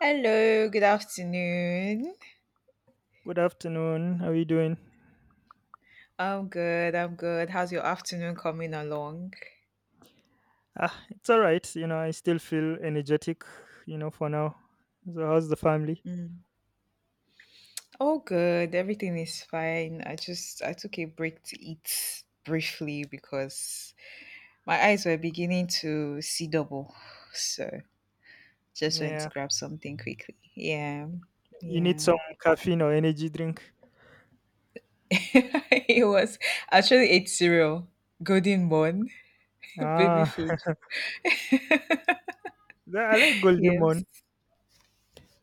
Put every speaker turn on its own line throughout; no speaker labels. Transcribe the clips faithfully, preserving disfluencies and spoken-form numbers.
Hello, good afternoon.
Good afternoon. How are you doing?
I'm good, I'm good. How's your afternoon coming along?
Ah, it's all right. You know, I still feel energetic, you know, for now. So, how's the family?
Mm. All good, everything is fine. I just I took a break to eat briefly because my eyes were beginning to see double. So just went to
Yeah.
grab something quickly. Yeah.
You need
Yeah.
some caffeine or energy drink.
it was actually ate cereal. Golden Bun, baby
Ah,
food.
that- I like Golden Moon.
Yes.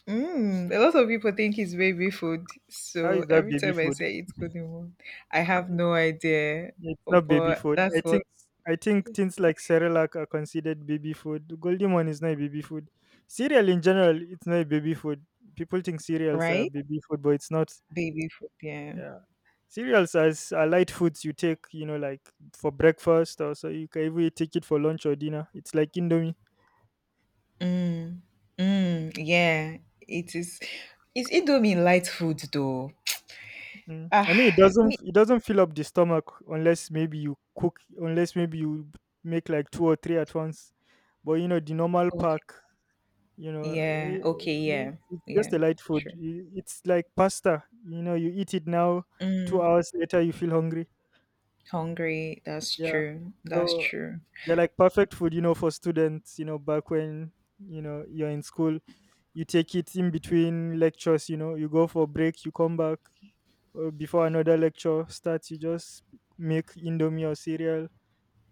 Mm, a lot of people think it's baby food.
How
So
is that
every
baby
time I
food?
say it's good in one, I have no idea.
It's
Oh,
not baby
but
food. I
that's
think
what,
I think things like Cerelac are considered baby food. Golden Moon is not a baby food. Cereal in general, it's not a baby food. People think cereals are
right?
baby food, but it's not.
Baby food, yeah.
Yeah. Cereals as are light foods you take, you know, like for breakfast or so you can even take it for lunch or dinner. It's like Indomie.
Mm, mm, yeah. It is. Is Indomie light food though?
Mm.
Ah,
I mean it doesn't
me.
it doesn't fill up the stomach unless maybe you cook unless maybe you b- make like two or three at once. But you know the normal pack,
Okay.
you know,
Yeah.
it,
Okay.
it,
Yeah.
it's just
Yeah.
a light food.
True.
I- It's like pasta. You know, you eat it now, two
Mm,
hours later you feel hungry.
hungry. That's
Yeah.
true. That's
So
true.
they're like perfect food, you know, for students, you know, back when, you know, you're in school. You take it in between lectures. You know, you go for break, you come back uh, before another lecture starts. You just make indomie or cereal,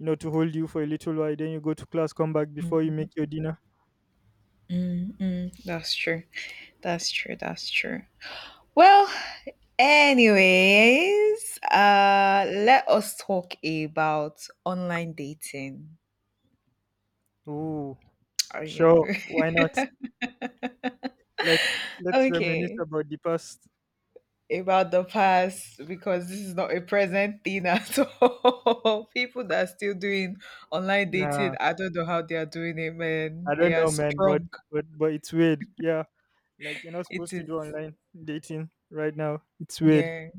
you know, to hold you for a little while, then you go to class, come back before you
Mm,
make your dinner.
mm, mm, that's true. That's true. That's true. Well, anyways, uh, let us talk about online dating.
Ooh,
Are you
sure. Why not? Let's let's reminisce
okay?
about the past.
About the past, because this is not a present thing at all. People that are still doing online dating,
Nah,
I don't know how they are doing it, man.
I don't
They are
know, man, but
strong.
but but it's weird. Yeah. Like you're not
It
supposed to
is,
do online dating right now. It's weird.
yeah,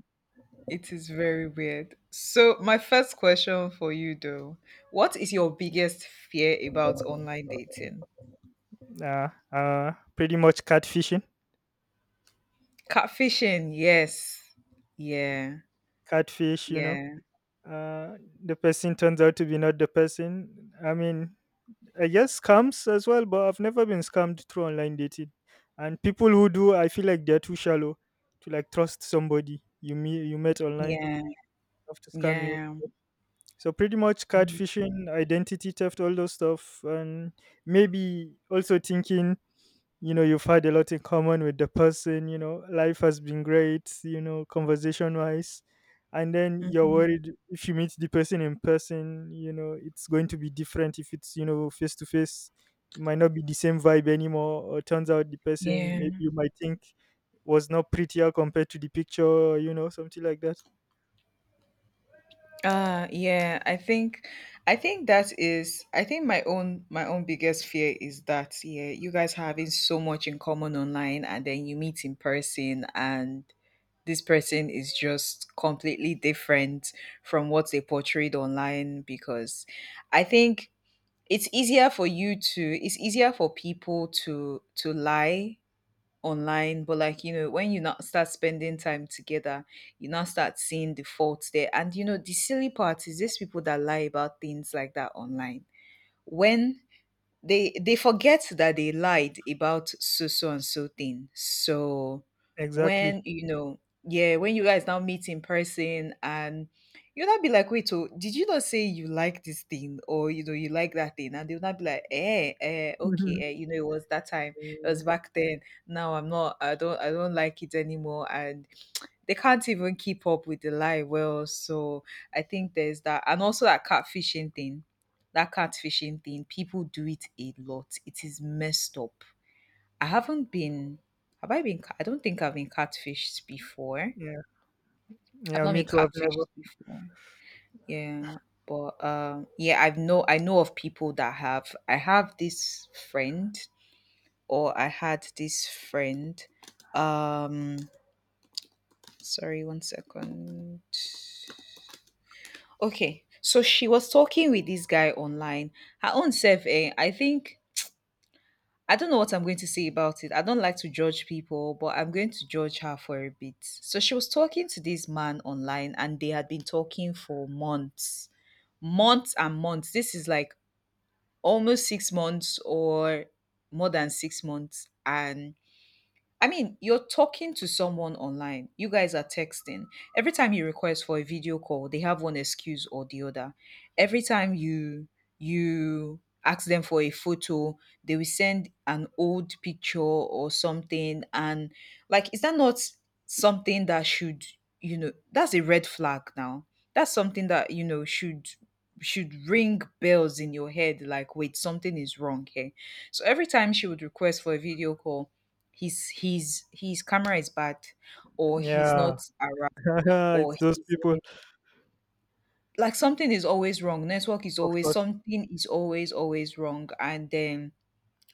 it is very weird. So, my first question for you, though, what is your biggest fear about online dating?
Uh, uh, pretty much catfishing.
Catfishing, yes. Yeah,
Catfish, you know.
yeah,
Uh, the person turns out to be not the person. I mean, I guess scams as well, but I've never been scammed through online dating. And people who do, I feel like they're too shallow to like trust somebody you meet you met online
yeah,
have to scam you.
yeah.
So pretty much
Mhm,
catfishing, identity theft, all those stuff, and maybe also thinking, you know, you've had a lot in common with the person. You know, life has been great, you know, conversation wise, and then you're
mhm,
worried if you meet the person in person, you know, it's going to be different. If it's, you know, face to face, it might not be the same vibe anymore, or turns out the person, maybe
yeah.
you might think, was not prettier compared to the picture, you know, something like that.
Uh, yeah, I think I think that is I think my own my own biggest fear is that yeah, you guys are having so much in common online and then you meet in person and this person is just completely different from what they portrayed online because I think it's easier for you to it's easier for people to to lie online, but like, you know, when you not start spending time together, you now start seeing the faults there. And you know, the silly part is these people that lie about things like that online, when they they forget that they lied about so so and so thing. So
Exactly.
when you know, yeah, when you guys now meet in person and you'll not be like, wait, oh, did you not say you like this thing or you know you like that thing? And they'll not be like, eh, eh, okay, eh, you know, it was that time, it
Mm,
was back then. Now I'm not, I don't, I don't like it anymore. And they can't even keep up with the lie well. So I think there's that. And also that catfishing thing. That catfishing thing. People do it a lot. It is messed up. I haven't been have I been ca- I don't think I've been catfished before.
yeah.
I've
Yeah,
not
me
been
too, I've never.
catfished before. Yeah. But um yeah, I've know I know of people that have. I have this friend, or I had this friend. Um Sorry, one second. Okay, so she was talking with this guy online. Her own self, eh, I think I don't know what I'm going to say about it. I don't like to judge people, but I'm going to judge her for a bit. So she was talking to this man online, and they had been talking for months, months and months. This is like almost six months or more than six months. And I mean, you're talking to someone online. You guys are texting. Every time you request for a video call, they have one excuse or the other. Every time you you ask them for a photo, they will send an old picture or something. And like, is that not something that should, you know, that's a red flag now. That's something that, you know, should should ring bells in your head, like wait, something is wrong here. So every time she would request for a video call, his his his camera is bad, or he's
Yeah.
not around, or
It's those
he's
people.
in, like something is always wrong. Network is
Of
always,
course.
something is always always wrong. And then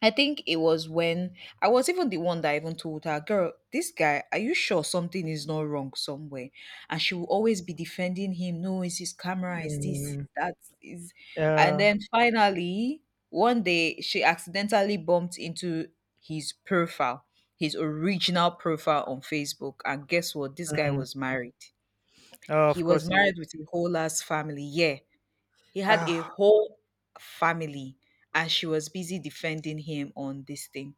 I think it was when I was even the one that even told her, "Girl, this guy, are you sure something is not wrong somewhere?" And she will always be defending him. No, it's his camera, it's this, it's
Mm,
that, is. And
yeah.
then finally, one day she accidentally bumped into his profile, his original profile on Facebook. And guess what? This guy
Mm.
was married.
Oh,
He
of
was
course he
married
is.
with a whole ass family. Yeah. He had a
Ah,
whole family. And she was busy defending him on this thing.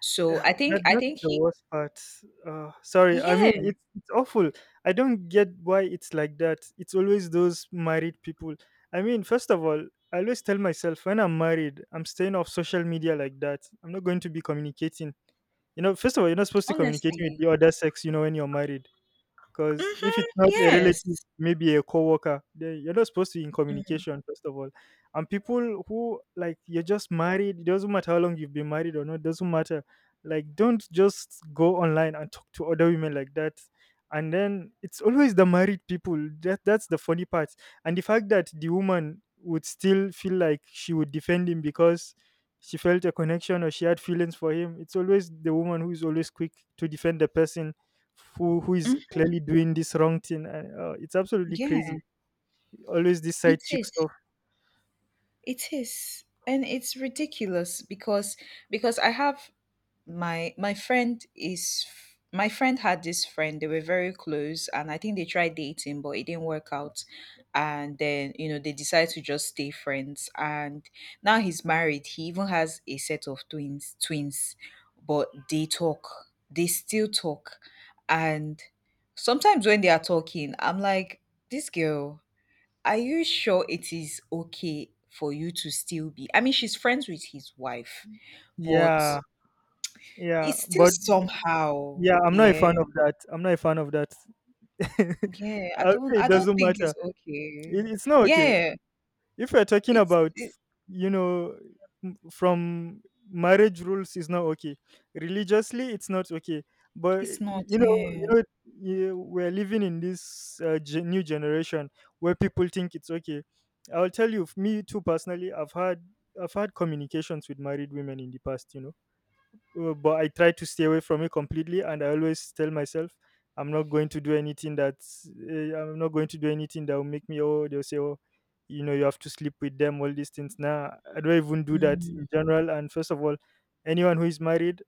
So
yeah,
I
that
think I
that's
think
the
he
worst part. Uh, sorry, I
yeah,
mean it's it's awful. I don't get why it's like that. It's always those married people. I mean, first of all, I always tell myself when I'm married, I'm staying off social media like that. I'm not going to be communicating. You know, first of all, you're not supposed to communicate with
honestly.
the other sex. You know, when you're married. Because if
Mhm.
it's not a relative,
Yes.
maybe a coworker, then you're not supposed to be in
Mhm.
communication, first of all. And people who like you're just married, it doesn't matter how long you've been married or not, it doesn't matter. Like don't just go online and talk to other women like that. And then it's always the married people. That that's the funny part. And the fact that the woman would still feel like she would defend him because she felt a connection or she had feelings for him. It's always the woman who is always quick to defend the person who who is
Mm,
clearly doing this wrong thing, and uh, it's absolutely crazy.
yeah.
Always this
It
side chick
is.
stuff.
It is. And it's ridiculous because because I have my my friend is my friend had this friend. They were very close, and I think they tried dating but it didn't work out. And then, you know, they decided to just stay friends. And now he's married, he even has a set of twins. Twins, but they talk, they still talk. And sometimes when they are talking, I'm like, this girl, are you sure it is okay for you to still be, I mean, she's friends with his wife, but
Yeah. yeah
it's still
but
somehow.
yeah I'm not a fan
Yeah.
of that. i'm not a fan of that I
Yeah. I
would
don't
say it
I don't
doesn't
think
matter.
it's
It,
okay.
it's not okay.
Yeah.
If we're talking
It's
about,
it,
you know, m- from marriage rules, is not okay. Religiously, it's not okay. But y-
it's not.
you know, you
Yeah.
know, yeah, we're living in this uh, gen- new generation where people think it's okay. I'll tell you, f- me too, personally, i've had i've had communications with married women in the past, you know, uh, but I try to stay away from it completely. And I always tell myself, I'm not going to do anything that's, uh, I'm not going to do anything that will make me, oh, they'll say, oh, you know, you have to sleep with them, all these things. Nah, I don't even do that in general. And first of all, anyone who is married,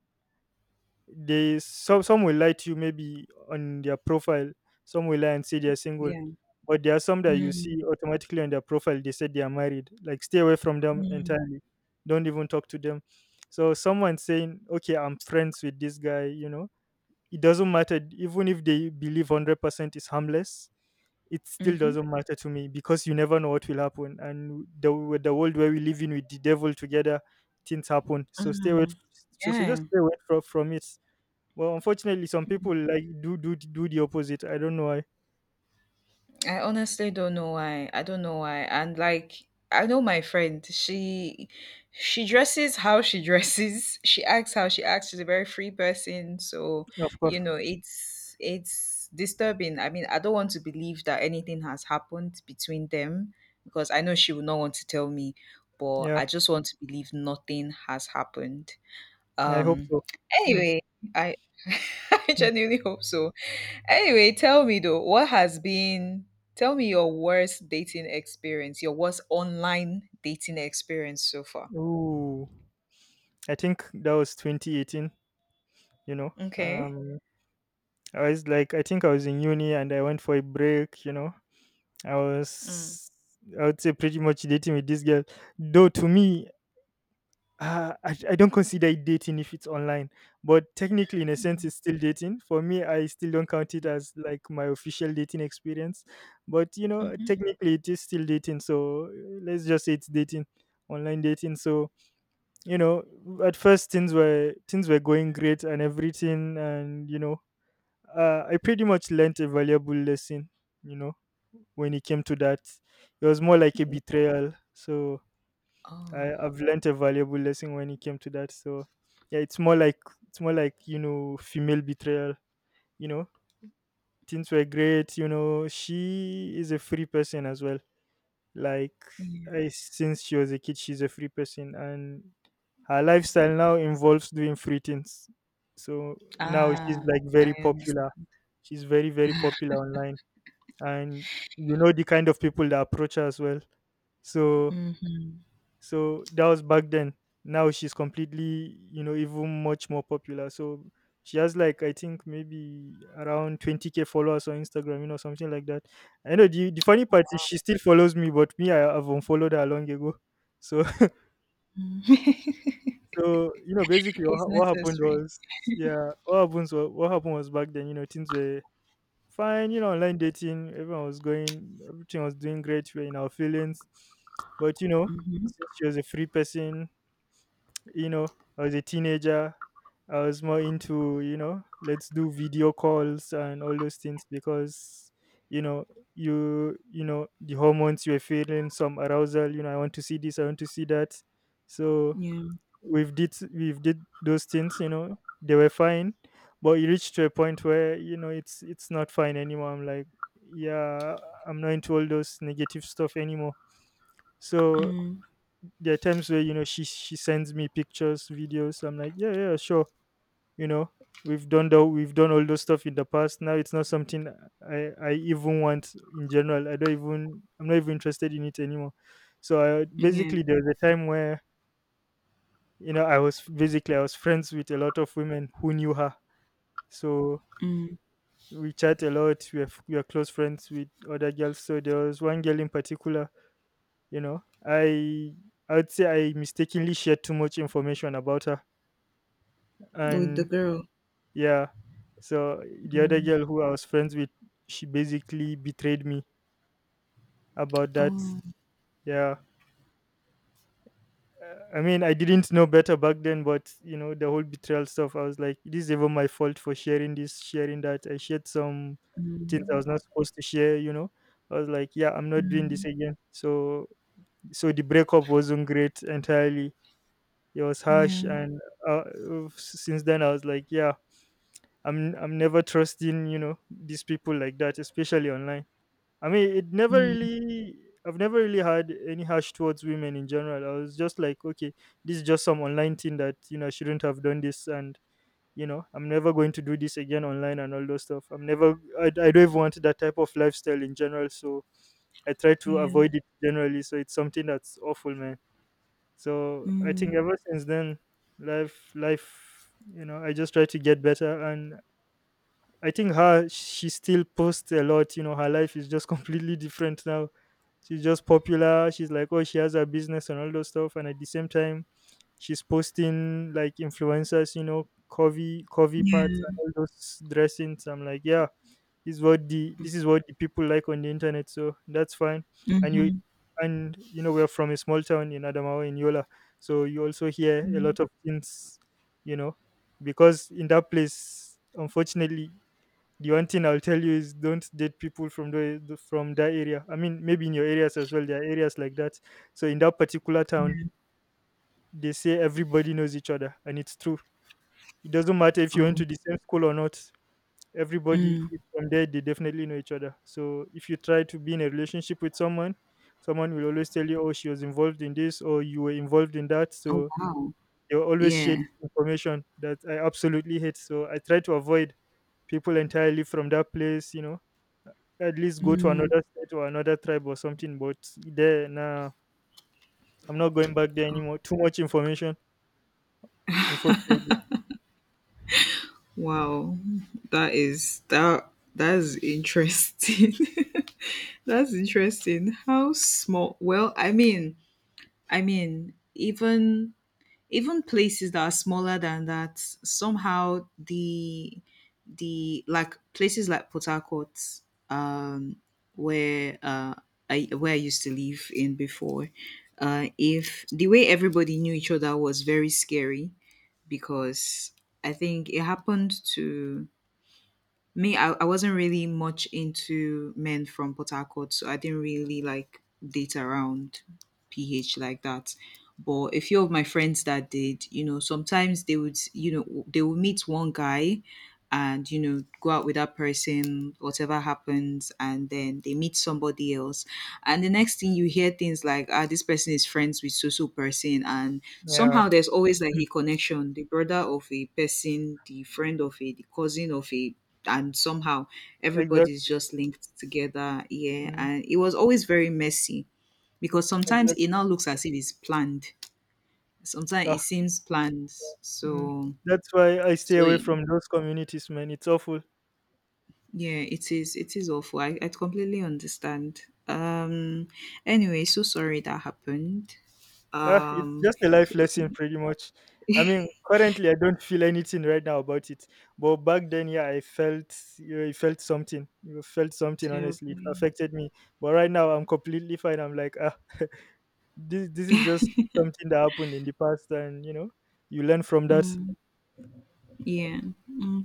they some some will lie to you maybe on their profile, some will lie and say they're single,
Yeah.
but there are some that you
Mm,
see automatically on their profile they said they are married, like stay away from them
mm,
entirely. Don't even talk to them. So someone saying okay, I'm friends with this guy, you know, it doesn't matter, even if they believe one hundred percent is harmless, it still
mhm,
doesn't matter to me. Because you never know what will happen, and the with the world where we live in with the devil together, things happen, so stay away.
mm,
So, so just
yeah.
stay away from, from it. Well, unfortunately, some people like do do do the opposite. I don't know why.
I honestly don't know why. I don't know why. And like, I know my friend, she she dresses how she dresses. She acts how she acts. She's a very free person. So,
Of course,
you know, it's it's disturbing. I mean, I don't want to believe that anything has happened between them because I know she will not want to tell me, but
yeah.
I just want to believe nothing has happened.
I hope
Um
so. Mm,
anyway, I I
mm.
genuinely hope so. Anyway, tell me though, what has been, tell me your worst dating experience, your worst online dating experience so far.
Ooh, I think that was twenty eighteen. You know,
Okay.
um, I was like, I think I was in uni and I went for a break. You know, I
Mm.
was, I would say, pretty much dating with this girl. Though to me, uh, I, I don't consider it dating if it's online, but technically, in a sense, it's still dating. For me, I still don't count it as like my official dating experience, but you know,
Mm-hmm.
technically, it is still dating. So uh, let's just say it's dating, online dating. So you know, at first things were things were going great and everything, and you know, uh, I pretty much learnt a valuable lesson. You know, when it came to that, it was more like a betrayal. So I,
Oh,
I've learned a valuable lesson when it came to that. So yeah, it's more like it's more like you know female betrayal. You know things were great. You know she is a free person as well. Like
yeah.
I, since she was a kid, she's a free person, and her lifestyle now involves doing free things. So now she's
Ah,
like
I
very popular.
understand.
She's very very popular online, and you know the kind of people that approach her as well. So
Hmm.
so that was back then. Now she's completely, you know, even much more popular. So she has like I think maybe around twenty k followers on Instagram, you know, something like that. I know the the funny part is she still follows me, but me I have unfollowed her long ago. So so you know, basically what,
It's
ha- what happened
necessary.
was yeah, what happens wa- what happened was back then, you know, things were fine, you know, online dating, everyone was going, everything was doing great, we are in our feelings. But you know,
Hmm.
since she was a free person, you know, I was a teenager. I was more into, you know, let's do video calls and all those things because, you know, you, you know, the hormones you were feeling some arousal. You know, I want to see this. I want to see that. So
Yeah.
we've did we've did those things. You know, they were fine, but you reach to a point where you know it's it's not fine anymore. I'm like, yeah, I'm not into all those negative stuff anymore. So
Mm.
there are times where you know she she sends me pictures, videos. I'm like, yeah, yeah, sure. You know, we've done the we've done all those stuff in the past. Now it's not something I I even want in general. I don't even I'm not even interested in it anymore. So I,
Yeah.
basically, there was a time where you know I was basically I was friends with a lot of women who knew her. So
Mm.
we chat a lot. We are f- we are close friends with other girls. So there was one girl in particular. You know, I I would say I mistakenly shared too much information about her,
With the
and
girl.
yeah, so the other
Mm.
girl who I was friends with, she basically betrayed me about that.
Oh,
Yeah. Uh, I mean I didn't know better back then, but you know the whole betrayal stuff, I was like this is even my fault for sharing this sharing that. I shared some things I
mm.
was not supposed to share, you know. I was like yeah I'm not doing this again. So so the breakup wasn't great entirely. It was harsh,
Yeah.
and uh, since then I was like yeah, I'm I'm never trusting, you know, these people like that, especially online. I mean, it never
Mm.
really... I've never really had any harsh towards women in general. I was just like, okay, this is just some online thing that, you know, I shouldn't have done this, and you know, I'm never going to do this again online and all those stuff. I'm never I, I don't even want that type of lifestyle in general, so I try to
Yeah.
avoid it generally. So it's something that's awful, man. So I
Mm.
think ever since then, life, life, you know, I just try to get better. And I think her she still posts a lot. You know, her life is just completely different now. She's just popular. She's like, oh, she has her business and all those stuff. And at the same time, she's posting like influencers. You know, curvy curvy parts and
Yeah.
all those dressings. I'm like, yeah, this is what the this is what the people like on the internet. So that's fine. And you
Mm-hmm.
and you know we're from a small town in Adamawa, in Yola, so you also hear a
Mm.
lot of things. You know, because in that place, unfortunately, the one thing I'll tell you is don't date people from the from that area. I mean, maybe in your areas as well, there are areas like that. So in that particular town,
Yeah.
they say everybody knows each other, and it's true. It doesn't matter if you went
Oh.
to the same school or not. Everybody
Mm.
who is from there, they definitely know each other. So if you try to be in a relationship with someone, someone will always tell you, "Oh, she was involved in this," or "You were involved in that."
Oh,
So
wow.
they will always share
Yeah.
this information that I absolutely hate. So I try to avoid people entirely from that place. You know, at least go to
Mm.
another state or another tribe or something. But there, nah, I'm not going back there
Oh,
anymore. Too much information, unfortunately.
wow. That is that that's interesting. That's interesting. How small, well, I mean, I mean, even even places that are smaller than that, somehow the the like places like Port Harcourt, um, where uh I where I used to live in before, uh, if the way everybody knew each other was very scary. Because I think it happened to me. I, I wasn't really much into men from Port Harcourt, so I didn't really like date around P H like that. But a few of my friends that did, you know, sometimes they would, you know, they would meet one guy and, you know, go out with that person, whatever happens, and then they meet somebody else. And the next thing you hear things like, ah, this person is friends with so so person, and
Yeah,
somehow there's always like a connection, the brother of a person, the friend of a, the cousin of a. And somehow everybody's
exactly.
just linked together, yeah. And it was always very messy because sometimes it
Exactly.
now looks as if it's planned, sometimes
Ah,
it seems planned.
mm.
So
That's why I stay
so
away
yeah,
from those communities, man. It's awful.
it is it is awful. i, I completely understand. um anyway, so sorry that happened.
Ah, it's
um
just a life lesson, pretty much. I mean, currently I don't feel anything right now about it, but back then, yeah, I felt, I felt something. You felt something, honestly. It
Terribly.
affected me. But right now, I'm completely fine. I'm like, ah. This this is just something that happened in the past, and you know, you learn from that.
Yeah.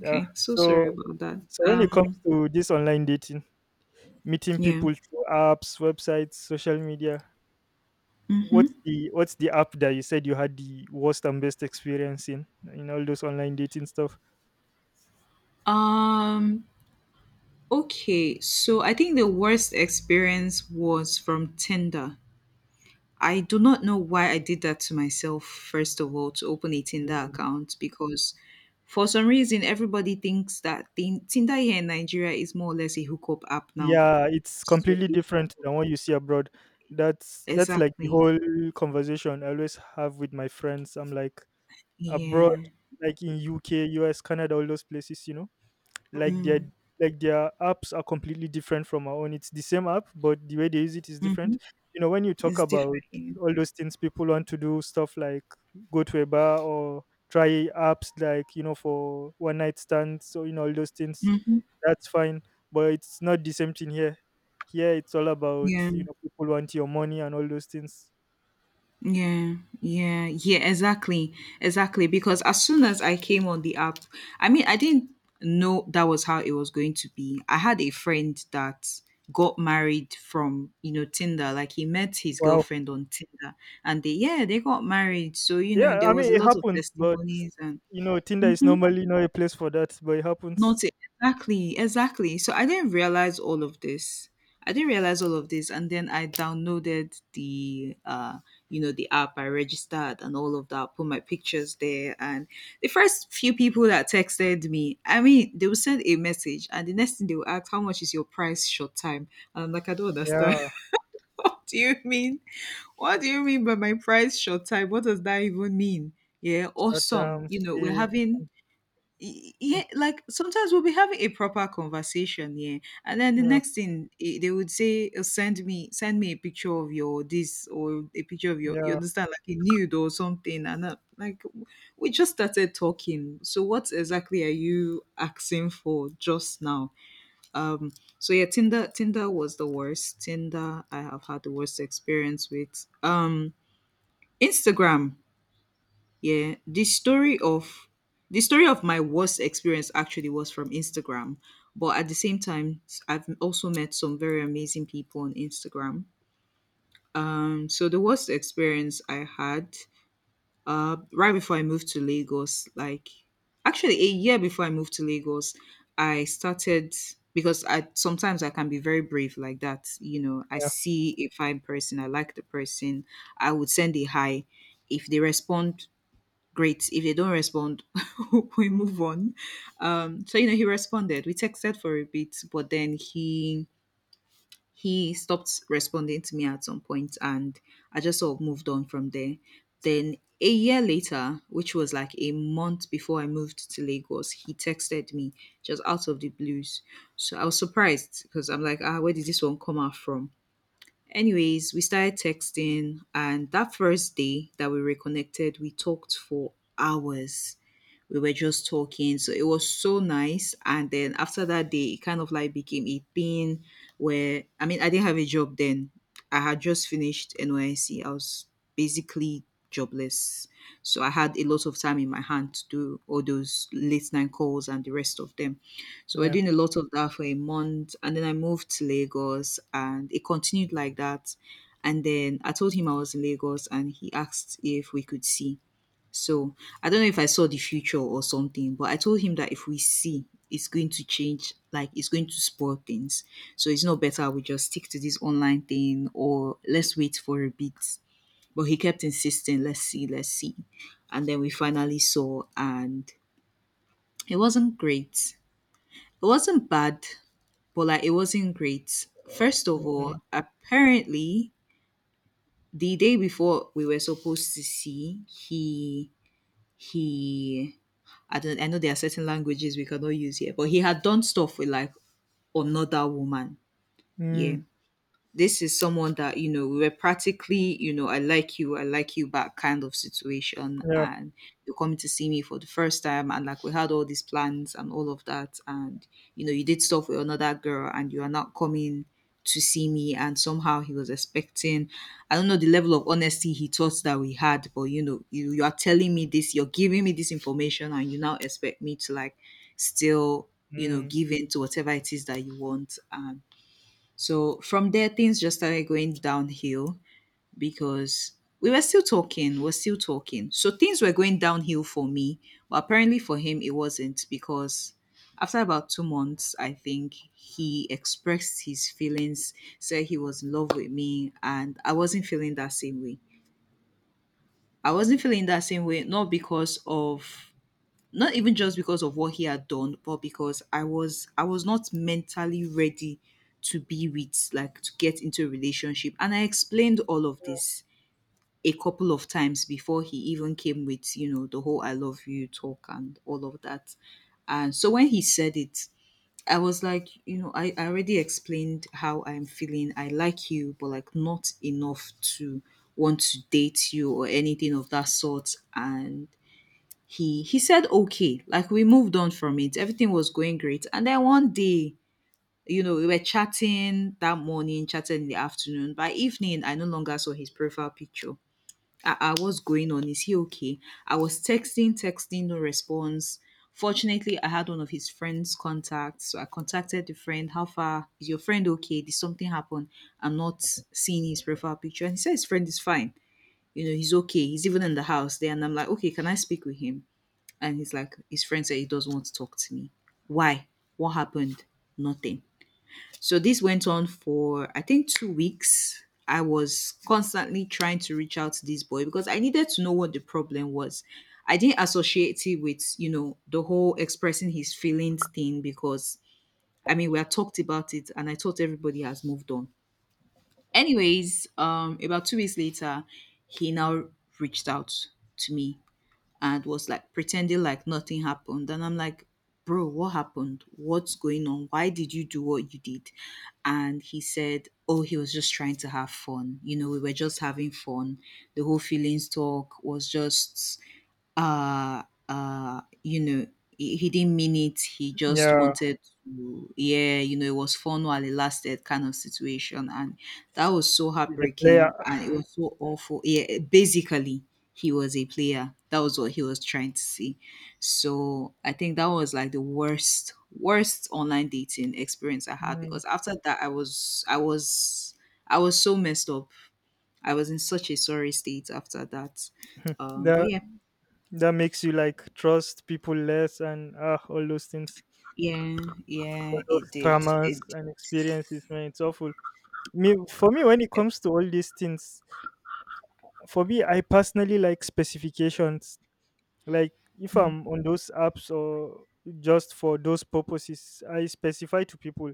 Yeah.
So sorry
So
about that.
so when it comes
Um.
to this online dating, meeting
Yeah.
people through apps, websites, social media,
Mm-hmm.
What's the what's the app that you said you had the worst and best experience in in all those online dating stuff?
Um. Okay. So I think the worst experience was from Tinder. I do not know why I did that to myself. First of all, to open a Tinder
Mm.
account, because for some reason everybody thinks that Tin- Tinder here in Nigeria is more or less a hookup app now.
Yeah, it's
So
completely
it
different than what you see abroad. That's that's like the
exactly.
whole conversation I always have with my friends. I'm like, abroad,
Yeah.
like in U K, U S, Canada, all those places, you know, like their
Mm-hmm.
like their apps are completely different from our own. It's the same app, but the way they use it is different.
Mm-hmm.
You know, when you talk
It's
about
different. Yeah.
all those things, people want to do stuff like go to a bar or try apps like, you know, for one night stands. So you know all those things.
Mm-hmm.
That's fine, but it's not the same thing here. Here it's all about,
Yeah.
you know, people want your money and all those things.
Yeah, yeah, yeah, exactly. Exactly. Because as soon as I came on the app, I mean, I didn't know that was how it was going to be. I had a friend that got married from, you know, Tinder. Like he met his
Wow.
girlfriend on Tinder, and they, yeah, they got married. So, you know,
Yeah,
there
I mean
was a
it
lot of
happens, but
testimonies and
you know, Tinder is
mhm.
normally not a place for that, but it happens.
Not it exactly, exactly. So I didn't realize all of this. I didn't realize all of this, and then I downloaded the, uh, you know, the app. I registered and all of that. Put my pictures there, and the first few people that texted me, I mean, they will send a message, and the next thing they will ask, "How much is your price short time?" And I'm like, I don't understand.
Yeah,
What do you mean? What do you mean by my price short time? What does that even mean? Yeah,
short
awesome.
term
You know, we're
stay.
having y- yeah, like sometimes we'll be having a proper conversation, yeah, and then the
Yeah,
next thing, eh, they would say, "Oh, send me, send me a picture of your this or a picture of your, you
yeah,
understand, like a nude or something." And I like, we just started talking. So what exactly are you asking for just now? Um, so yeah, Tinder, Tinder was the worst. Tinder, I have had the worst experience with. Um, Instagram. Yeah, the story of the story of my worst experience actually was from Instagram, but at the same time, I've also met some very amazing people on Instagram. Um, so the worst experience I had, uh, right before I moved to Lagos, like actually a year before I moved to Lagos, I started because I sometimes I can be very brave like that. You know, I
yeah,
see a fine person, I like the person, I would send a hi. If they respond, great. If they don't respond, we move on. Um, so you know, he responded. We texted for a bit, but then he he stopped responding to me at some point, and I just sort of moved on from there. Then a year later, which was like a month before I moved to Lagos, he texted me just out of the blues. So I was surprised because I'm like, ah, where did this one come out from? Anyways, we started texting, and that first day that we reconnected, we talked for hours. We were just talking. So it was so nice. And then after that day, it kind of like became a thing where I mean, I didn't have a job then. I had just finished N Y C. I was basically jobless. So I had a lot of time in my hand to do all those late night calls and the rest of them. So we're
yeah.
doing a lot of that for a month. And then I moved to Lagos and it continued like that. And then I told him I was in Lagos and he asked if we could see. So I don't know if I saw the future or something, but I told him that if we see, it's going to change, like it's going to spoil things. So it's not better we just stick to this online thing, or let's wait for a bit. But he kept insisting, let's see, let's see. And then we finally saw, and it wasn't great. It wasn't bad, but like it wasn't great. First of all,
Mm,
apparently, the day before we were supposed to see, he he I don't I know there are certain languages we cannot use here, but he had done stuff with like another woman.
mm,
Yeah, this is someone that you know we were practically, you know, I like you, I like you back kind of situation,
yeah,
and you're coming to see me for the first time, and like we had all these plans and all of that, and you know you did stuff with another girl and you are not coming to see me, and somehow he was expecting, I don't know the level of honesty he thought that we had, but you know you, you are telling me this, you're giving me this information, and you now expect me to like still, you know,
mm,
give in to whatever it is that you want. And so from there, things just started going downhill because we were still talking, we're still talking. So things were going downhill for me, but apparently for him, it wasn't, because after about two months, I think he expressed his feelings, said he was in love with me, and I wasn't feeling that same way. I wasn't feeling that same way, not because of not even just because of what he had done, but because i was i was not mentally ready to be with, like to get into a relationship, and I explained all of this a couple of times before he even came with, you know, the whole I love you talk and all of that. And so when he said it, I was like, you know, i, I already explained how I'm feeling. I like you, but like not enough to want to date you or anything of that sort. And he he said okay, like we moved on from it, everything was going great, and then one day, you know, we were chatting that morning, chatting in the afternoon, by evening I no longer saw his profile picture. I I was going on, is he okay? I was texting, texting, no response. Fortunately I had one of his friends' contact, so I contacted the friend, how far is your friend, okay, did something happen? I'm not seeing his profile picture. And he said his friend is fine, you know, he's okay, he's even in the house there. And I'm like, okay, can I speak with him? And he's like, his friend said he doesn't want to talk to me. Why? What happened? Nothing. So this went on for, I think, two weeks. I was constantly trying to reach out to this boy because I needed to know what the problem was. I didn't associate it with, you know, the whole expressing his feelings thing because, I mean, we had talked about it and I thought everybody has moved on. Anyways, um, about two weeks later, he now reached out to me and was like pretending like nothing happened. And I'm like, bro, what happened? What's going on? Why did you do what you did? And he said, oh, he was just trying to have fun. You know, we were just having fun. The whole feelings talk was just uh uh you know he, he didn't mean it, he just
yeah.
wanted to, yeah, you know, it was fun while it lasted kind of situation. And that was so
The player.
heartbreaking and it was so awful. Yeah, basically he was a player, that was what he was trying to see. So I think that was like the worst worst online dating experience I had,
Mm,
because after that i was i was I was so messed up, I was in such a sorry state after that. Um but
that
yeah.
that makes you like trust people less and ah, all those things,
Yeah,
all
yeah, it
those
did.
traumas
It.
and experiences. Man, it's awful. Me, for me, when it comes to all these things, for me, I personally like specifications, like if
Mm,
I'm on those apps or just for those purposes I specify to people,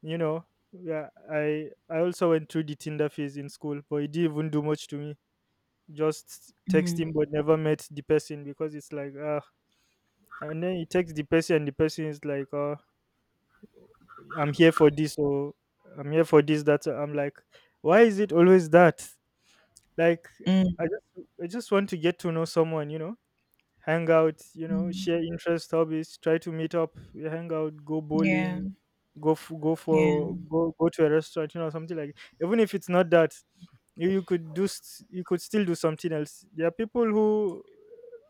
you know. Yeah, i i also went through the Tinder phase in school but it didn't even do much to me, just texting but never met the person because it's like ah, and then you text the person and the person is like, uh, I'm here for this or I'm here for this that, I'm like, why is it always that, like,
mm,
i just I just want to get to know someone, you know, hang out, you know,
mm.
share interest, hobbies, try to meet up, you hang out, go bowling,
Yeah,
go f- go
yeah,
for go go to a restaurant, you know, something like... Even if it's not that, you, you could do s you could still do something else. There are people who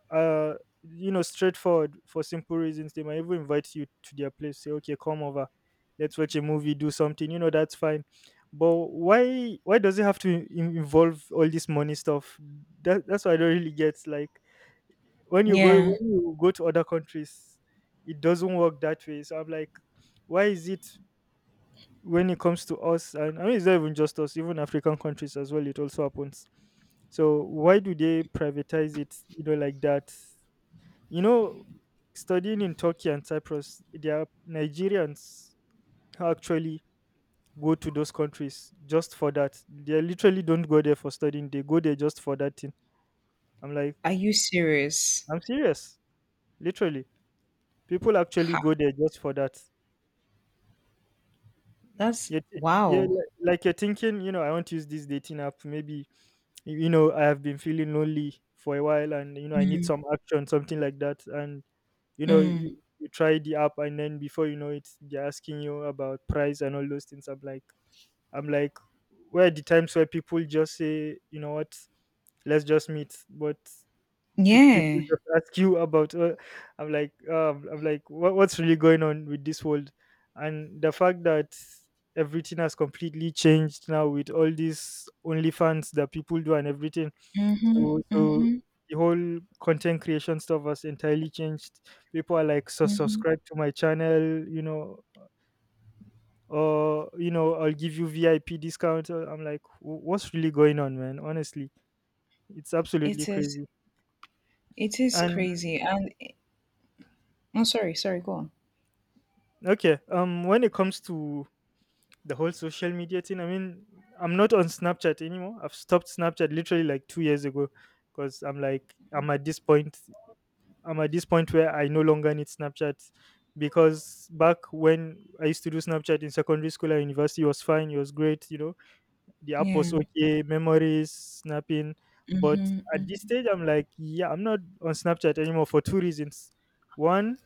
are, you know, straightforward for simple reasons. They might even invite you to their place, say, okay, come over, let's watch a movie, do something, you know, that's fine. But why why does it have to in- involve all this money stuff? That, that's what I don't really get. Like when you go
yeah.
when you go to other countries, it doesn't work that way, so I'm like, why is it when it comes to us? And I mean, it's not even just us, even African countries as well, it also happens. So why do they privatize it, you know, like that? You know, studying in Turkey and Cyprus, their Nigerians who actually go to those countries just for that, they literally don't go there for studying, they go there just for that thing. I'm like...
Are you serious?
I'm serious. Literally, people actually
Ha!
go there just for that.
That's
You're t- yeah,
wow.
li- like you're thinking, you know, I want to use this dating app. Maybe, y- you know, I have been feeling lonely for a while and, you know, I need some action, something like that. And, you know,
Mm,
you, you try the app and then before you know it, they're asking you about price and all those things. I'm like, I'm like, where are the times where people just say, you know what, let's just meet? But... Pe- people
yeah.
just ask you about, uh, I'm like, um, I'm like, what, what's really going on with this world? And the fact that everything has completely changed now with all these only fans that people do and everything,
Mm-hmm,
so so
mm-hmm,
the whole content creation stuff has entirely changed. People are like, so
mm-hmm.
subscribe to my channel, you know, or, you know, I'll give you VIP discount. Uh, I'm like, "Wh- what's really going on, man?" Honestly, it's absolutely
It is.
crazy.
It is
And
crazy. And I'm sorry. Sorry. Go on.
okay, um when it comes to the whole social media thing, I mean, I'm not on Snapchat anymore. I've stopped Snapchat literally like two years ago because I'm like, I'm at this point. I'm at this point where I no longer need Snapchat because back when I used to do Snapchat in secondary school and university, it was fine. It was great. You know, the app was
Yeah.
okay, memories, snapping. But
Mm-hmm,
at this
mm.
stage, I'm like, yeah, I'm not on Snapchat anymore for two reasons. One,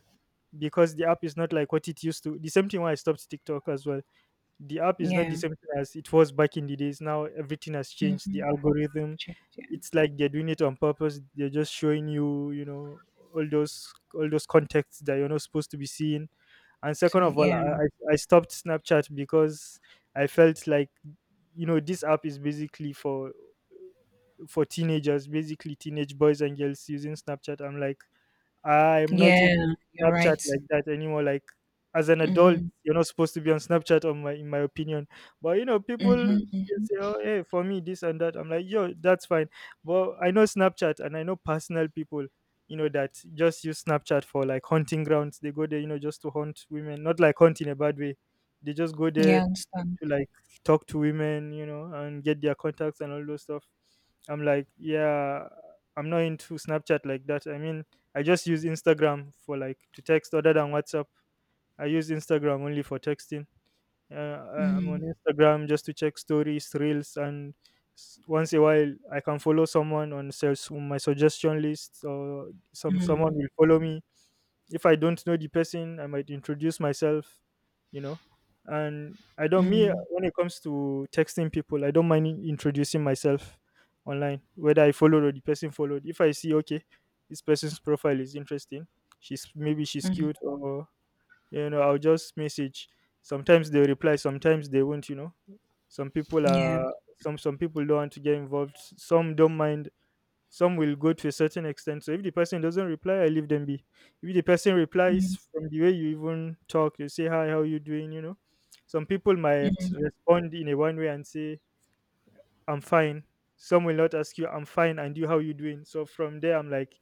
because the app is not like what it used to. The same thing why I stopped TikTok as well, the app is not the
Yeah.
same thing as it was back in the days. Now everything has changed. The
Mm-hmm.
algorithm,
Change. Yeah.
it's like they're doing it on purpose. They're just showing you, you know, all those all those contexts that you're not supposed to be seeing. And
To
second
be.
of all, I,
Yeah.
I I stopped Snapchat because I felt like, you know, this app is basically for for teenagers, basically teenage boys and girls using Snapchat. I'm like, I'm not into
Yeah. You're
Snapchat
right.
like that anymore. Like as an adult,
Mm-hmm,
you're not supposed to be on Snapchat, on my in my opinion. But you know, people
mm-hmm,
still
mm-hmm.
say, oh, hey, for me this and that. I'm like, yo, that's fine. But I know Snapchat and I know personal people, you know, that just use Snapchat for like hunting grounds. They go there, you know, just to hunt women. Not like hunt in a bad way. They just go
Yeah.
there
I understand.
to like talk to women, you know, and get their contacts and all those stuff. I'm like, yeah, I'm not into Snapchat like that. I mean, I just use Instagram for like to text other than WhatsApp. I use Instagram only for texting. Uh, I- I'm on
Mm,
Instagram just to check stories, reels, and s- once in a while I can follow someone on sales on my suggestion list, or some someone
mm,
will follow me. If I don't know the person, I might introduce myself, you know. And I don't me
mm,
when it comes to texting people, I don't mind in- introducing myself online, whether I followed or the person followed. If I see, okay, this person's profile is interesting, she's maybe she's
mm.
cute, or you know I'll just message. Sometimes they reply, sometimes they won't you know some people
Yeah.
are some some people don't want to get involved, s- some don't mind, some will go to a certain extent. So if the person doesn't reply, I leave them be. If the person replies,
Mhm.
from the way you even talk, you say, "Hi, how you doing you know Some people might
Mhm.
respond in a one way and say, "I'm fine." Some will not ask you, "I'm fine, and you? How you doing?" So from there, I'm like,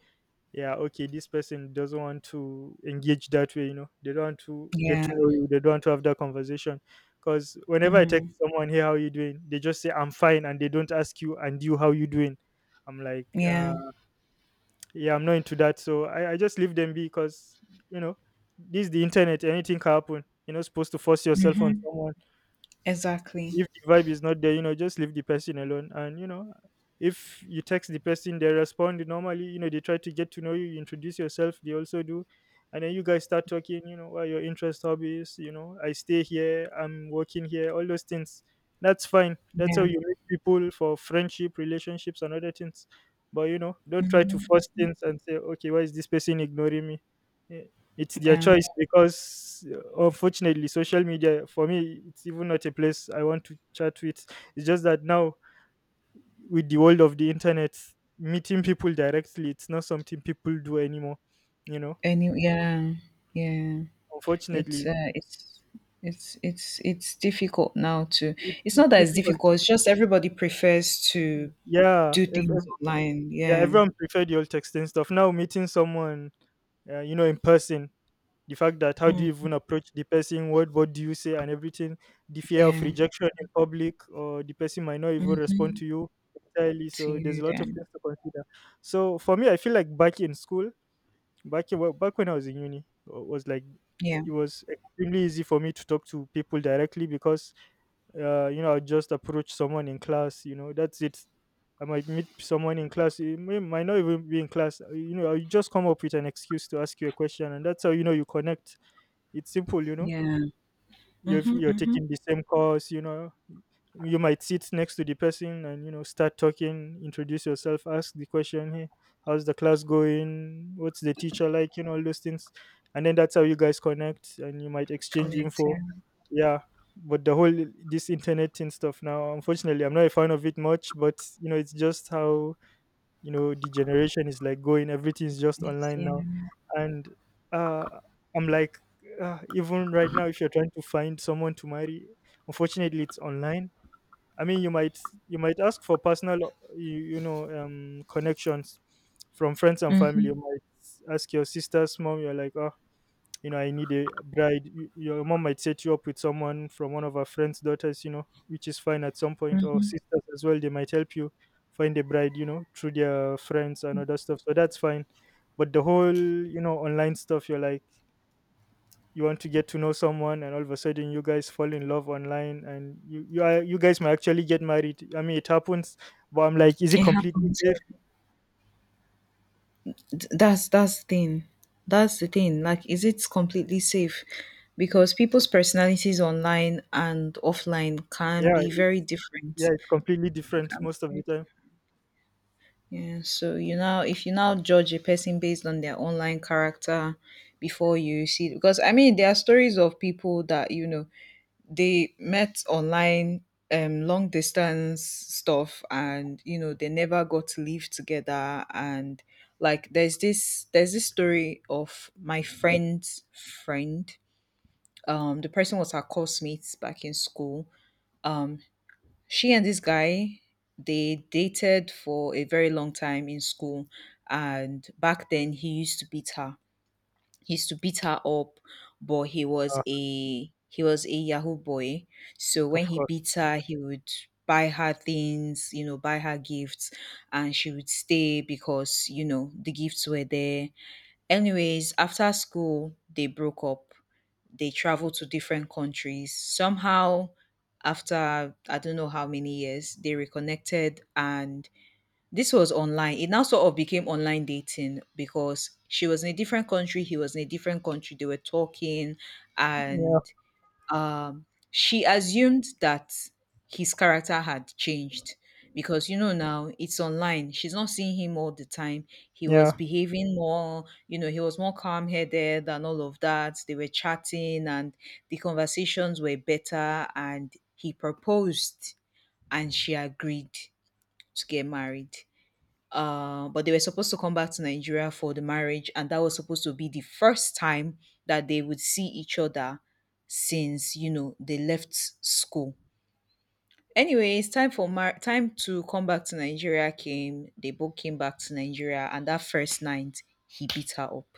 "Yeah, okay, this person doesn't want to engage that way, you know, they don't want to get to
Yeah.
know you, they don't want to have that conversation." Because whenever I
Mhm.
text someone, "Hey, how you doing?" they just say, "I'm fine," and they don't ask you, "And you, how you doing?" I'm like, uh,
Yeah.
yeah, I'm not into that. So I, I just leave them be because, you know, this is the internet, anything can happen. You're not supposed to force yourself on
Mhm.
someone
Exactly.
if the vibe is not there, you know, just leave the person alone. And you know, if you text the person, they respond normally. You know, they try to get to know you, you introduce yourself. They also do, and then you guys start talking. You know, what are your interest hobbies. You know, I stay here. I'm working here. All those things. That's fine. That's how
Yeah.
you meet people for friendship, relationships, and other things. But you know, don't try to
Mhm.
force
Mhm.
things and say, okay, why is this person ignoring me? Eh, it's their
Yeah.
choice because, uh, unfortunately, social media, for me, it's even not a place I want to chat with. It's just that now, with the world of the internet, meeting people directly, it's not something people do anymore. You know,
And you, yeah. Yeah. It's
unfortunately,
uh it's it's it's it's difficult now to,
it's,
it's
it's
not that it's
difficult.
difficult, it's just everybody prefers to
Yeah,
do
ev-
things
ev-
online.
yeah,
Yeah.
everyone prefer the old texting stuff. Now, meeting someone, uh, you know, in person, the fact that, how do you
Mm.
even approach the person, what what do you say and everything, the fear of
Yeah.
rejection in public, or the person might not even respond
Mhm.
to you entirely.
To
So there's
you
a lot of
then.
things to consider. So for me, I feel like back in school, back in, back when I was in uni, uh, was like,
Yeah.
it was extremely easy for me to talk to people directly because, uh, you know, I just approach someone in class, you know, that's it. I might meet someone in class, it may, might not even be in class, uh, you know, I just come up with an excuse to ask you a question, and that's how you know you connect. It's simple, you know.
Yeah.
You've
Mhm.
you're
Mhm.
taking the same course, you know. You might sit next to the person and you know start talking, introduce yourself, ask the question, "Hey, how's the class going? What's the teacher like?" You know, all those things. And then that's how you guys connect and you might exchange
Correct. Yeah.
info. Yeah. But the whole, this internet thing stuff now, unfortunately I'm not a fan of it much, but you know, it's just how you know the generation is like going, everything's just
It's
online
yeah.
now. And uh i'm like uh, even right now, if you're trying to find someone to marry, unfortunately it's online. I mean, you might you might ask for personal you, you know um connections from friends and family. You
Mhm.
might ask your sister's mom, you're like, "Oh, you know, I need a bride." Y- Your mom might set you up with someone from one of our friends' daughters, you know, which is fine at some point, or sisters as well. They might help you find a bride, you know, through their friends and other stuff. So that's fine. But the whole, you know, online stuff, you're like, you want to get to know someone, and all of a sudden, you guys fall in love online, and you you are you guys might actually get married. I mean, it happens, but I'm like, is it
It
completely
happens.
safe?
Yeah. th- that's that's the thing that's the thing like is it completely safe? Because people's personalities online and offline can
Yeah,
be
it's
very different.
yeah, it's completely
It
different
can be
most of the
very-
time.
yeah, so you now, if you now judge a person based on their online character before you see, because I mean there are stories of people that, you know, they met online, um long distance stuff, and you know they never got to live together. And like there's this there's this story of my friend's friend. Um the person was her classmates back in school. um she and this guy, they dated for a very long time in school, and back then he used to beat her, he used to beat her up But he was
Uh,
a he was a yahoo boy, so
of
when he
course.
beat her, he would buy her things, you know, buy her gifts, and she would stay because, you know, the gifts were there. Anyways, after school they broke up, they traveled to different countries somehow. After, I don't know how many years, they reconnected, and this was online. It now sort of became online dating because she was in a different country, he was in a different country. They were talking,
Yeah,
and um, she assumed that his character had changed because, you know, now it's online, she's not seeing him all the time. He was
yeah.
behaving more, you know, he was more calm headed and all of that. They were chatting, and the conversations were better. And he proposed, and she agreed to get married. Uh, but they were supposed to come back to Nigeria for the marriage, and that was supposed to be the first time that they would see each other since, you know, they left school. Anyway, it's time for mar- time to come back to Nigeria. Came, they both came back to Nigeria, and that first night he beat her up.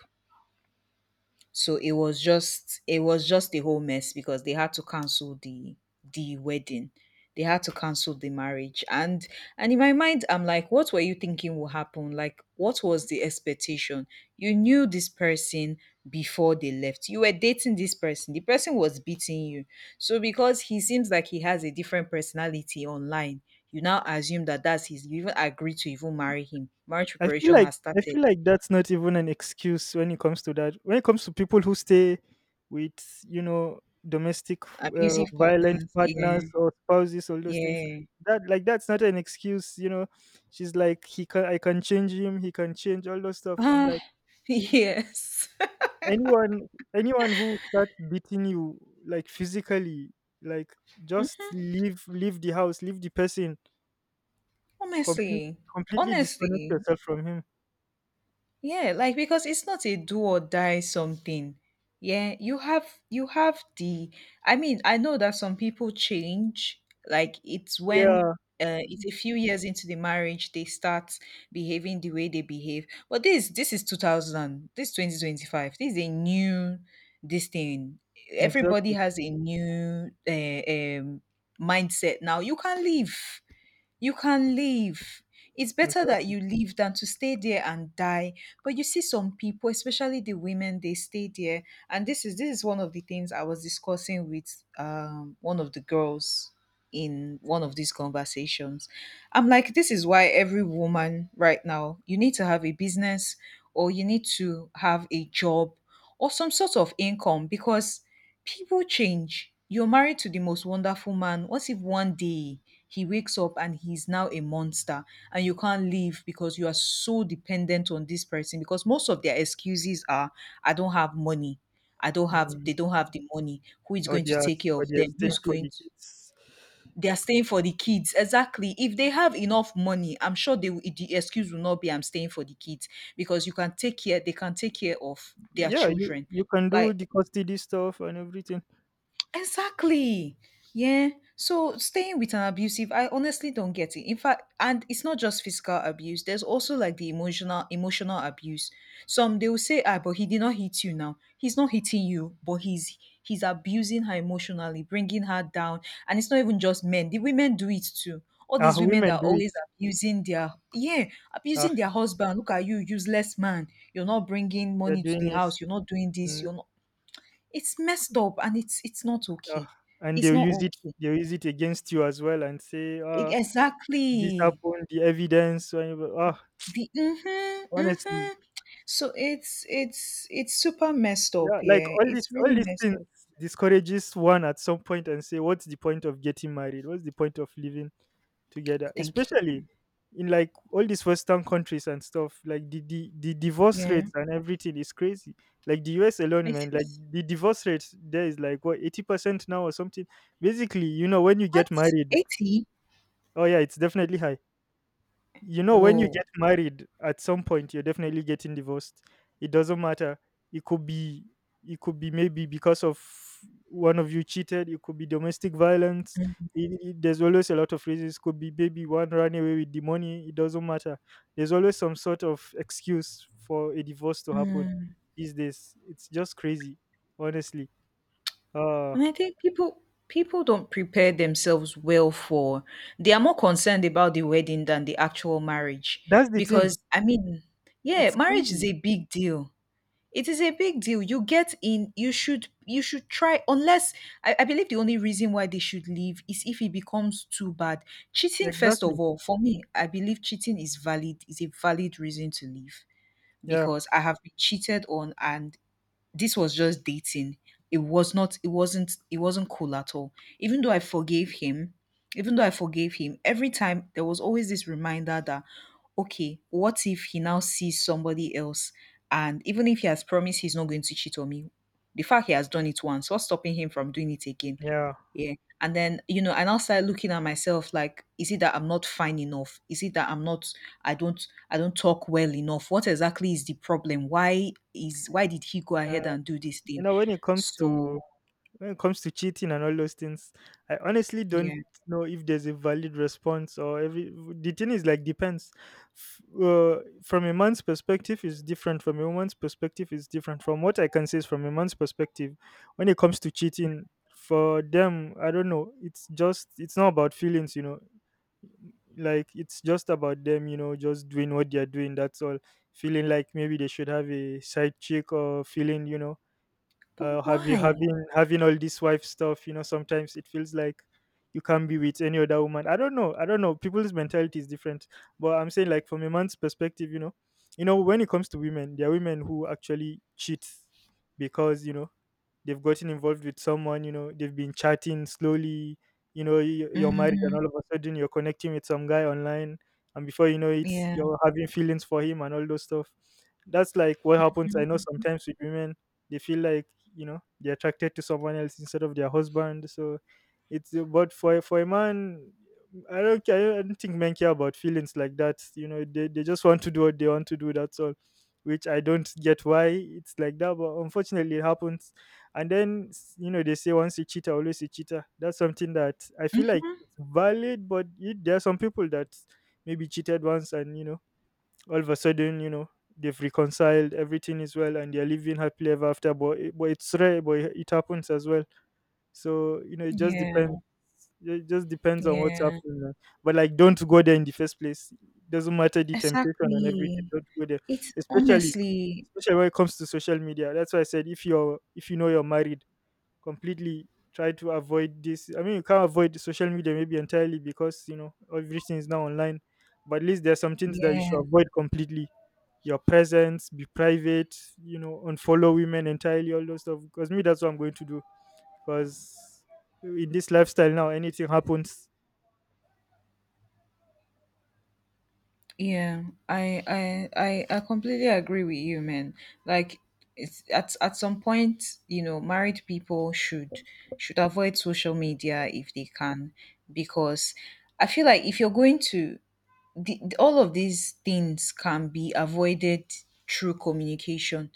So it was just, it was just a whole mess because they had to cancel the the wedding. They had to cancel the marriage. And and in my mind, I'm like, what were you thinking will happen? Like, what was the expectation? You knew this person before they left. You were dating this person. The person was beating you. So because he seems like he has a different personality online, you now assume that that's his. You even agree to even marry him. Marriage
I feel
preparation
like
has
I
started.
feel like that's not even an excuse when it comes to that. When it comes to people who stay with, you know domestic, uh,
Abusive
violent
partners.
partners
Yeah.
or spouses, all those things,
Yeah.
that like that's not an excuse. You know, she's like, he can, I can change him, he can change, all those stuff. I'm
Ah,
like,
yes.
anyone anyone who starts beating you, like, physically, like, just leave leave the house, leave the person, complete,
Honestly,
completely disconnect
honestly,
yourself from him.
yeah, like because it's not a do or die something. Yeah, you have you have the. I mean, I know that some people change, like it's when
Yeah,
uh, it's a few years into the marriage they start behaving the way they behave. But this this is two thousand, this twenty twenty-five. This is a new this thing. Everybody
exactly.
has a new uh, um mindset now. You can leave. You can leave. It's better that
Exactly.
you leave than to stay there and die. But you see some people, especially the women, they stay there. And this is this is one of the things I was discussing with um one of the girls in one of these conversations. I'm like, this is why every woman right now, you need to have a business or you need to have a job or some sort of income because people change. You're married to the most wonderful man. What if one day he wakes up and he's now a monster and you can't leave because you are so dependent on this person? Because most of their excuses are, I don't have money. I don't have,
Mm,
they don't have the money. Who is
or
going to
their
take care
or
of
their
them? Who
staying
is
for
going
the
to?
kids.
They are staying for the kids. Exactly. If they have enough money, I'm sure they will- the excuse will not be I'm staying for the kids because you can take care, they can take care of their
Yeah, you
children.
you can do
Like,
the custody stuff and everything.
exactly. Yeah. So staying with an abusive, I honestly don't get it. In fact, and it's not just physical abuse. There's also like the emotional emotional abuse. Some they will say, ah, but he did not hit you now. He's not hitting you, but he's he's abusing her emotionally, bringing her down. And it's not even just men. The women do it too. All
Ah,
these women that
women
are
do it.
always abusing their, yeah,
Ah,
abusing their husband. Look at you, useless man. You're not bringing
they're
money to
doing
the
it.
house. You're not doing this.
Mm,
You're not It's messed up and it's it's not
ah,
okay.
and
It's
they'll
not
use it.
okay.
They'll use it against you as well and say,
E
"Ah, this
exactly.
happened, the evidence, whatever." Ah,
The mhm,
honestly,
mhm. So it's it's it's super messed
yeah,
up,
like
yeah.
all this
It's
all
really
these
messed
things
up.
discourages one at some point, and say, what's the point of getting married? What's the point of living together,
Thank
especially
you.
in, like, all these western countries and stuff, like the, the the divorce
Yeah.
rates and everything is crazy. Like, the US alone,
It
man, like,
is.
the divorce rate there is like, what, eighty percent now or something? Basically, you know when you
What?
get married...
eighty?
Oh, yeah, it's definitely high. You know, when you
Whoa.
get married, at some point you're definitely getting divorced. It doesn't matter. It could be it could be maybe because of, one of you cheated, it could be domestic violence. It, it- there's always a lot of reasons. Could be maybe one ran away with the money. It doesn't matter. There's always some sort of excuse for a divorce to happen
Mm.
these days. It's just crazy, honestly. Uh
And I think people people don't prepare themselves well for, they are more concerned about the wedding than the actual marriage.
that's the thing.
Because I mean, yeah,
It's
marriage is
crazy.
a big deal. It is a big deal. You get in, you should you should try unless I, I believe the only reason why they should leave is if it becomes too bad. Cheating, first of
Exactly.
all, for me, I believe cheating is valid, is a valid reason to leave
Yeah.
because I have been cheated on and this was just dating. It was not, it wasn't it wasn't cool at all. Even though I forgave him, even though I forgave him, every time there was always this reminder that okay, what if he now sees somebody else and even if he has promised he's not going to cheat on me, the fact he has done it once, what's stopping him from doing it again?
Yeah.
Yeah. And then, you know, and I now started looking at myself like, is it that I'm not fine enough? Is it that I'm not, I don't I don't talk well enough? What exactly is the problem? Why is why did he go
Uh,
ahead and do this
you
thing?
know, when it comes
So
to when it comes to cheating and all those things, I honestly
yeah.
don't know if there's a valid response or every the thing is like, depends. F- uh, from a man's perspective is different from a woman's perspective, is different. From what I can say, is from a man's perspective, when it comes to cheating, for them, I don't know, it's just it's not about feelings, you know. Like, it's just about them, you know, just doing what they're doing, that's all. Feeling like maybe they should have a side chick, or feeling, you know, uh,
But
have you
why?
having having all this wife stuff, you know, sometimes it feels like you can't be with any other woman. I don't know, I don't know, people's mentality is different. But I'm saying, like, from a man's perspective, you know, you know, when it comes to women, there are women who actually cheat because, you know, they've gotten involved with someone, you know, they've been chatting slowly, you know, y- you're married and
Hmm.
all of a sudden you're connecting with some guy online, and before you know it,
Yeah.
you're having feelings for him and all those stuff. That's like what happens, I know, sometimes with women. They feel like, you know, they're attracted to someone else instead of their husband. So it's uh, but for a- for a man, I don't care, I don't think men care about feelings like that, you know. They, they just want to do what they want to do, that's all. Which, I don't get why it's like that, but unfortunately it happens. And then s- you know, they say once a cheater, always a cheater. That's something that I feel like
Mm-hmm.
it's valid, but it, there are some people that maybe cheated once, and you know, all of a sudden, you know, they've reconciled, everything is well, and they're living happily ever after. But it, but it's rare, but it, it happens as well. So you know it just
Yeah.
depends. It just depends on what's
Yeah.
happening, man. But like, don't go there in the first place. Doesn't matter the temptation and everything.
Exactly.
Don't go there,
It's
especially
honestly,
especially when it comes to social media. That's why I said, if you're, if you know you're married, completely try to avoid this. I mean, you can't avoid social media maybe entirely because, you know, everything is now online. But at least there are some things that you
yeah.
should avoid completely. Your presence, be private. You know, unfollow women entirely, all those stuff. Because me, that's what I'm going to do. Because in this lifestyle now, anything happens.
Yeah, I I I I completely agree with you, man. Like it's at at some point, you know, married people should should avoid social media if they can because I feel like if you're going to, the, all of these things can be avoided through communication.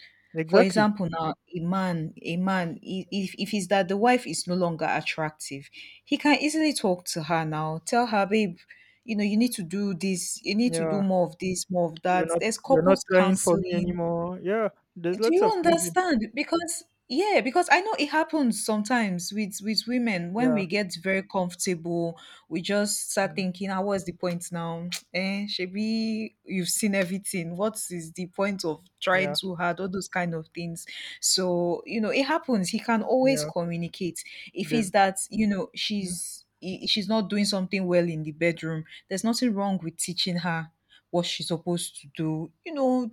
For
Exactly.
example, now a man, a man, i- if if it's that the wife is no longer attractive, he can easily talk to her now. Tell her, babe, you know, you need to do this. You need to do
Yeah.
more of this, more of
You're
that.
not.
There's
You're not
couples
trying for me
counseling,
anymore. Yeah. There's
do
lots
you
of reasons.
understand? Because yeah, because I know it happens sometimes with with women when
Yeah.
we get very comfortable, we just start
mm,
thinking, "Ah, what's the point now? Eh, Shebi, you've seen everything. What is the point of trying
Yeah.
too hard? All those kind of things." So you know, it happens. He can always
Yeah.
communicate if it's
They've
that you know she's he- she's not doing something well in the bedroom. There's nothing wrong with teaching her what she's supposed to do. You know,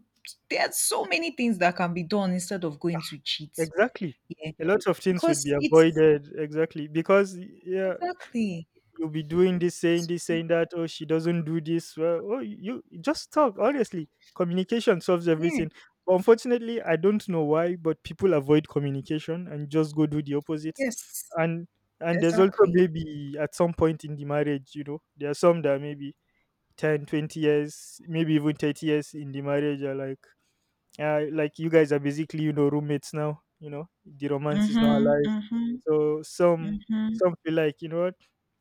there are so many things that can be done instead of going to cheat.
Exactly.
Yeah.
A lot of things would be
Because it's,
avoided. Exactly. Because yeah,
exactly.
you'll be doing this, saying
So,
this, saying that, "Oh, she doesn't do this." Well, oh, you just talk, honestly. Communication solves
yeah.
everything. But unfortunately, I don't know why, but people avoid communication and just go do the opposite.
Yes.
And and there's also
Exactly.
maybe at some point in the marriage, you know, there are some that maybe Ten, twenty years, maybe even thirty years in the marriage, are like uh, like you guys are basically, you know, roommates now. You know, the romance is not
Mhm.
alive,
Mhm.
so some
Mhm.
some feel like, you know what,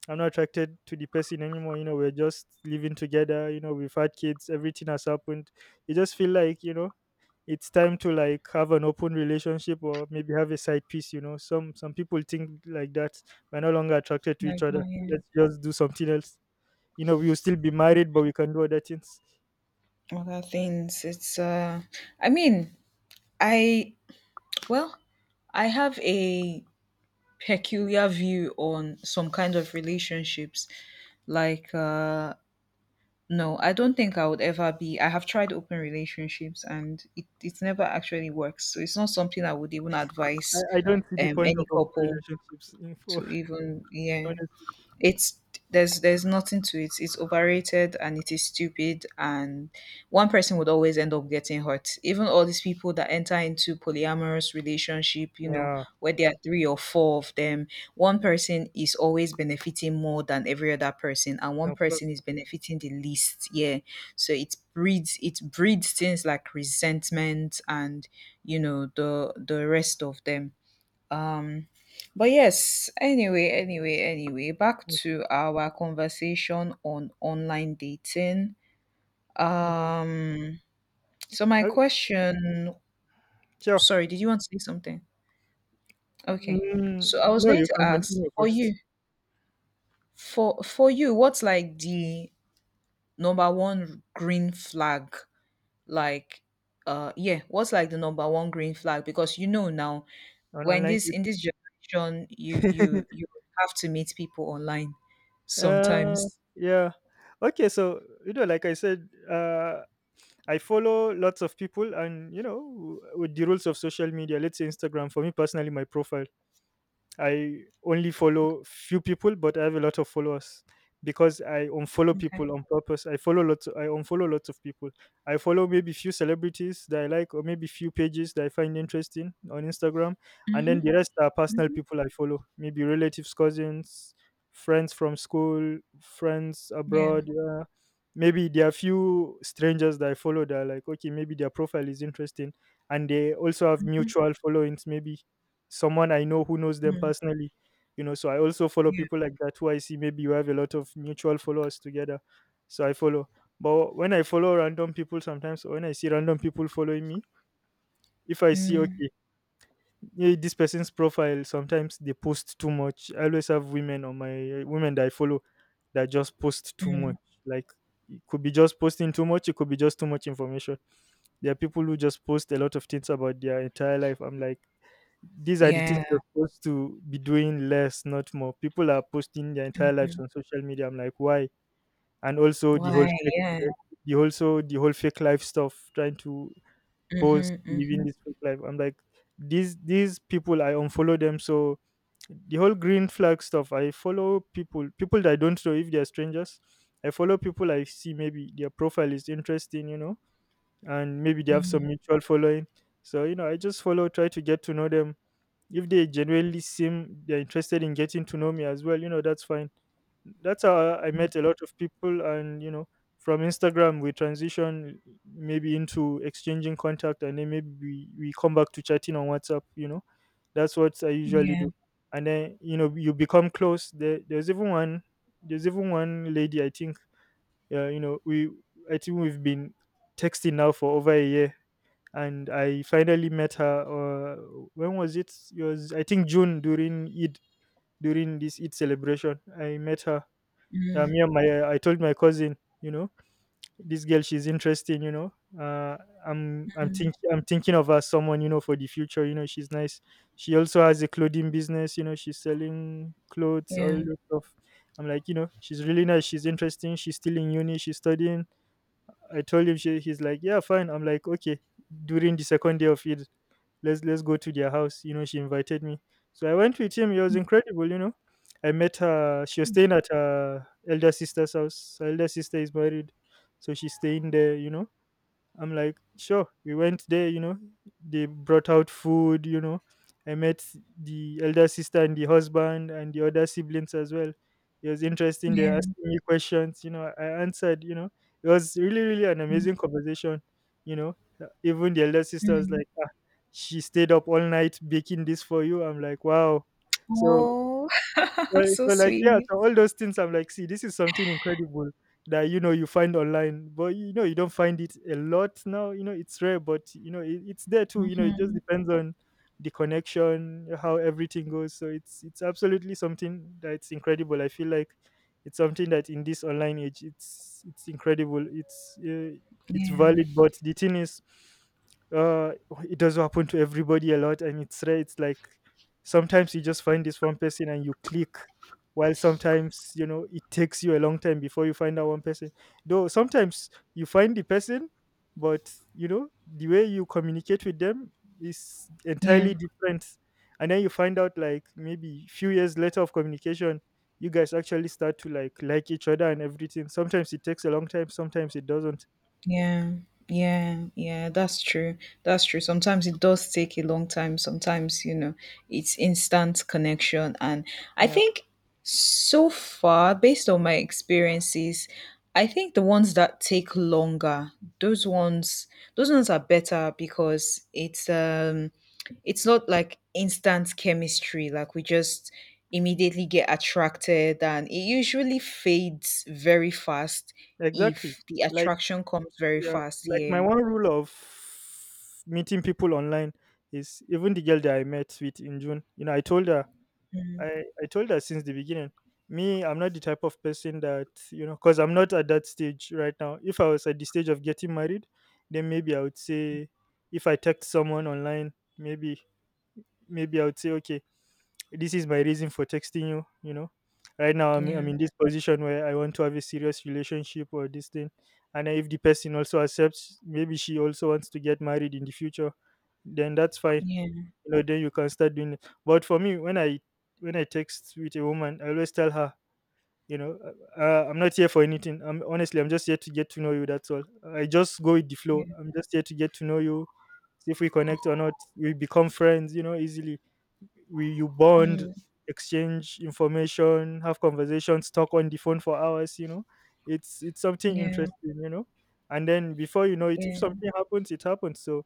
I'm not attracted to the person anymore. You know, we're just living together, you know, we've had kids, everything has happened. You just feel like, you know, it's time to like have an open relationship or maybe have a side piece. You know, some some people think like that. We're no longer attracted to each
Like
other,
that, yeah.
let's just do something else. You know, we will still be married, but we can do other things.
Other things. It's uh I mean, I well, I have a peculiar view on some kind of relationships. Like uh No, I don't think I would ever be. I have tried open relationships and it, it never actually works. So it's not something I would even advise
I, I don't see the
um
point of
any
open
couple
relationships. In for
to even, yeah,
honest.
it's there's there's nothing to it. It's overrated and it is stupid and one person would always end up getting hurt. Even all these people that enter into polyamorous relationship, you know,
Yeah,
where there are three or four of them, one person is always benefiting more than every other person and one
of
person
course.
is benefiting the least. Yeah. So it breeds it breeds things like resentment and you know the the rest of them. Um. But yes, anyway, anyway, anyway, back
Mm,
to our conversation on online dating.
mm.
Um, so my
Oh,
question,
sure.
sorry, did you want to say something? Okay. So
Mm,
I was
no,
going
you
to
can
ask
continue
for
first
you, for for you, what's like the number one green flag? Like, uh, yeah, what's like the number one green flag? Because you know now,
on
when
online
this, in this generation, you
dating.
you you have to meet people online
uh,
sometimes.
yeah. Okay, so you know, like I said, uh, I follow lots of people, and you know, w- with the rules of social media, let's say Instagram. For me personally, my profile, I only follow few people, but I have a lot of followers because I unfollow
Okay.
people on purpose. I follow lots. I unfollow lots of people. I follow maybe few celebrities that I like, or maybe few pages that I find interesting on Instagram, and then
Mhm,
the rest are personal
mhm.
people I follow. Maybe relatives, cousins, friends from school, friends
Yeah.
abroad. Yeah. Maybe there are few strangers that I follow that are like, okay, maybe their profile is interesting, and they also have mutual followings. Maybe someone I know who knows them
Mm,
personally. You know, so I also follow
yeah.
people like that who I see maybe you have a lot of mutual followers together. So I follow. But when I follow random people sometimes, or when I see random people following me, if I see,
Mm,
okay, yeah, this person's profile, sometimes they post too much. I always have women on my women that I follow that just post too
mm.
much. Like it could be just posting too much, it could be just too much information. There are people who just post a lot of things about their entire life. I'm like, these are the things
Yeah.
you're supposed to be doing less, not more. People are posting their entire lives
Mm.
on social media. I'm like, why? And also the whole
Why?
fake,
Yeah.
the also the whole fake life stuff. Trying to post
Mhm,
living
mhm,
this fake life. I'm like, these these people, I unfollow them. So the whole green flag stuff. I follow people, people that I don't know if they're strangers. I follow people I see maybe their profile is interesting, you know, and maybe they have some
mhm.
mutual following. So you know, I just follow, try to get to know them if they genuinely seem they're interested in getting to know me as well, you know, that's fine. That's how I met a lot of people, and you know, from Instagram we transition maybe into exchanging contact, and then maybe we, we come back to chatting on WhatsApp. You know, that's what I usually
Yeah.
do, and then you know you become close. There, there's even one, there's even one lady I think. Uh, you know, we I think we've been texting now for over a year and I finally met her. Uh, when was it? It was, I think, June, during Eid, during this Eid celebration. I met her. Uh,
Mm,
me and my I told my cousin, you know, this girl, she's interesting. You know, uh, I'm I'm
mhm.
thinking I'm thinking of her as someone you know for the future. You know, she's nice. She also has a clothing business. You know, she's selling clothes all
Yeah.
that stuff. I'm like, you know, she's really nice. She's interesting. She's still in uni. She's studying. I told him she, he's like, yeah, fine. I'm like, okay. During the second day of Eid, let's let's go to their house. You know, she invited me, so I went with him. It was incredible. You know, I met her. She was staying at her elder sister's house. Her elder sister is married, so she's staying there. You know, I'm like, sure. We went there, you know. They brought out food, you know. I met the elder sister and the husband and the other siblings as well. It was interesting. They were
Yeah.
asking me questions, you know. I answered, you know. It was really, really an
Mm,
amazing conversation, you know. Uh, Even the elder sister was
mm.
like, ah, she stayed up all night baking this for you. I'm like, wow. So
Oh,
so,
so
so like yeah,
sweet.
so all those things, I'm like, see, this is something incredible that you know you find online, but you know you don't find it a lot now. You know it's rare, but you know it, it's there too. You know it just
Mhm.
depends on the connection, how everything goes. So it's it's absolutely something that's incredible. I feel like it's something that in this online age, it's it's incredible. It's uh, it's
Yeah.
valid, but the thing is, uh, it does happen to everybody a lot, and it's rare. It's like sometimes you just find this one person and you click, while sometimes, you know, it takes you a long time before you find that one person. Though sometimes you find the person, but, you know, the way you communicate with them is entirely
Yeah.
different. And then you find out, like, maybe few years later of communication, you guys actually start to like like each other and everything. Sometimes it takes a long time, sometimes it doesn't.
Yeah, yeah, yeah, that's true. That's true. Sometimes it does take a long time. Sometimes, you know, it's instant connection. And I
Yeah,
think so far, based on my experiences, I think the ones that take longer, those ones, those ones are better because it's um it's not like instant chemistry, like we just immediately get attracted and it usually fades very fast
exactly.
if the
Like
attraction comes very
yeah,
fast.
like
Yeah.
my one rule of meeting people online is even the girl that I met with in June. You know, I told her,
Mm,
I, I told her since the beginning, me, I'm not the type of person that, you know, because I'm not at that stage right now. If I was at the stage of getting married, then maybe I would say, if I text someone online, maybe, maybe I would say, okay, this is my reason for texting you. You know, right now i'm,
yeah,
I'm in this position where I want to have a serious relationship or this thing, and if the person also accepts, maybe she also wants to get married in the future, then that's fine.
yeah,
You know, then you can start doing it. But for me, when i when i text with a woman, I always tell her, you know, uh, uh, I'm not here for anything. I'm honestly, I'm just here to get to know you, that's all. I just go with the flow,
yeah,
I'm just here to get to know you, see if we connect or not. We become friends, you know, easily. We You bond,
mm,
exchange information, have conversations, talk on the phone for hours, you know. It's it's something
yeah,
interesting, you know. And then before you know it, if
yeah,
something happens, it happens. So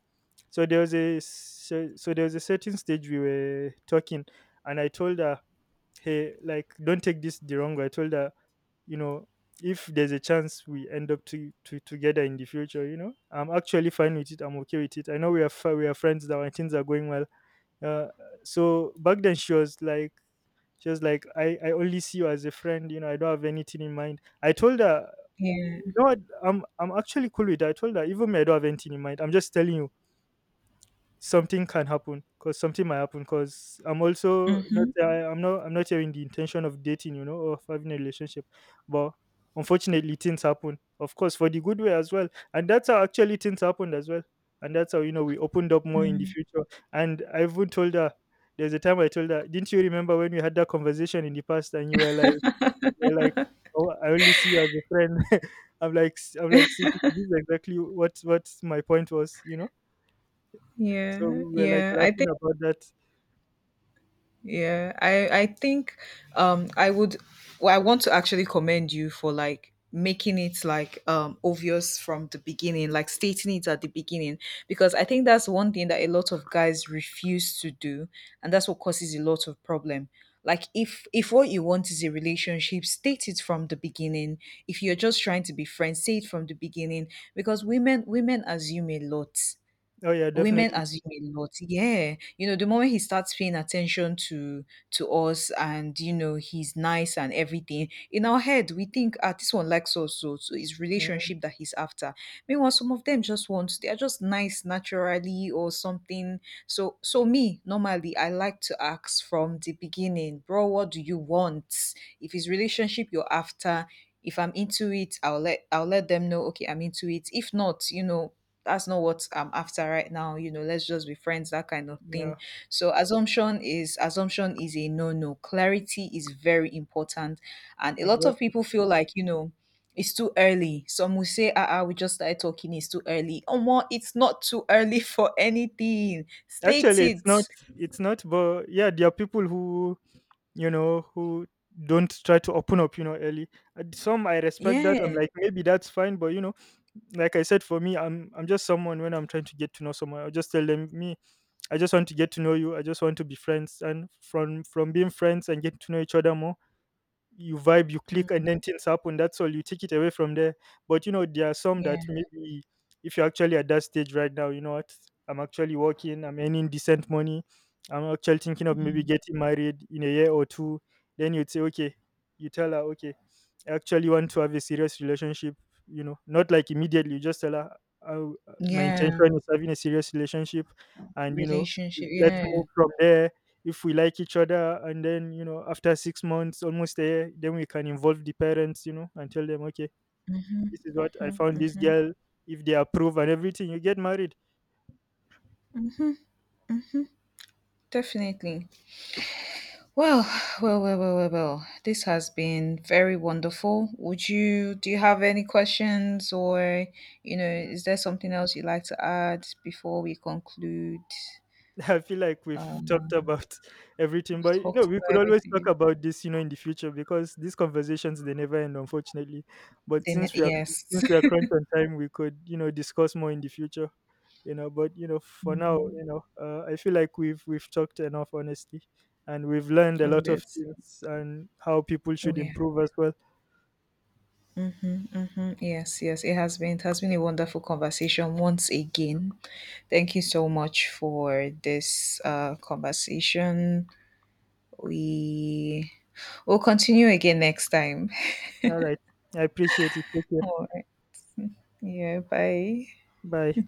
so there was a so, so there was a certain stage we were talking, and I told her, hey, like don't take this the wrong way. I told her, you know, if there's a chance we end up to, to together in the future, you know, I'm actually fine with it. I'm okay with it. I know we are fi- we are friends now and things are going well. Uh, so back then she was like she was like, I, I only see you as a friend, you know, I don't have anything in mind. I told her, you
yeah,
know what, i'm i'm actually cool with that. I told her, even me, I don't have anything in mind. I'm just telling you something can happen, because something might happen. Because I'm also not
mm-hmm,
I, i'm not i'm not having the intention of dating, you know, or of having a relationship. But unfortunately things happen, of course, for the good way as well, and that's how actually things happened as well. And that's how, you know, we opened up more in the future. And I even told her, there's a time I told her, didn't you remember when we had that conversation in the past and you were like, you were like oh, I only see you as a friend? I'm like, i I'm like, see, this is exactly what what my point was, you know. So
yeah,
we were like
yeah. I
laughing
think.
about that.
Yeah, I I think um I would, well, I want to actually commend you for like making it like um obvious from the beginning, like stating it at the beginning because I think that's one thing that a lot of guys refuse to do and that's what causes a lot of problem. Like if if what you want is a relationship, state it from the beginning. If you're just trying to be friends, say it from the beginning because women women assume a lot.
Oh yeah,
Women
definitely.
assume a lot. Yeah. You know, the moment he starts paying attention to to us and you know, he's nice and everything, in our head we think, ah, this one likes us so, so it's
Mm,
relationship that he's after. Meanwhile, some of them just want, they are just nice naturally or something. So so me, normally I like to ask from the beginning, bro, what do you want? If it's relationship you're after, if I'm into it, I'll let I'll let them know, okay, I'm into it. If not, you know, that's not what I'm after right now. You know, let's just be friends, that kind of
yeah,
thing. So assumption is assumption is a no no. Clarity is very important. And a lot of
exactly.
people feel like, you know, it's too early. Some will say, ah, ah, we just started talking, it's too early. Oh more, it's not too early for anything. State
Actually, it's
it.
not. It's not. But yeah, there are people who you know who don't try to open up, you know, early. And some I respect that. I'm
Yeah.
like, maybe that's fine. But you know, like I said, for me, I'm I'm just someone, when I'm trying to get to know someone, I will just tell them me. I just want to get to know you. I just want to be friends. And from from being friends and getting to know each other more, you vibe, you click, and
Mm,
then things happen. That's all. You take it away from there. But you know, there are some
yeah.
that maybe, if you're actually at that stage right now, you know what? I'm actually working. I'm earning decent money. I'm actually thinking of maybe
Mm.
getting married in a year or two. Then you'd say, okay, you tell her, okay, I actually want to have a serious relationship. You know, not like immediately. You just tell her, "I- my
Yeah.
intention is having a serious relationship, and you know,
Relationship.
let's
Yeah.
move from there. If we like each other, and then you know, after six months, almost a year, then we can involve the parents, you know, and tell them, okay, this is what I
Mhm,
found, this
mhm.
girl. If they approve and everything, you get married."
Definitely. Well, well, well, well, well, well. This has been very wonderful. Would you do you have any questions or you know, is there something else you'd like to add before we conclude?
I feel like we've talked
Um,
about everything,
we've
but you know,
talked
we could
about
always talk
everything.
about this, you know, in the future, because these conversations, they never end, unfortunately. But
Then
since we are,
yes.
since we are crunched on time, we could, you know, discuss more in the future. You know, but you know, for now,
Mm,
you know, uh, I feel like we've we've talked enough, honestly, and we've learned a
on
lot of
this.
things and how people
Oh
should
yeah.
improve as well.
Mm-hmm, mm-hmm. Yes, yes, it has been. It has been a wonderful conversation once again. Thank you so much for this uh, conversation. We will continue again next time.
All right, I appreciate it. Take care.
All right. Yeah, bye.
Bye.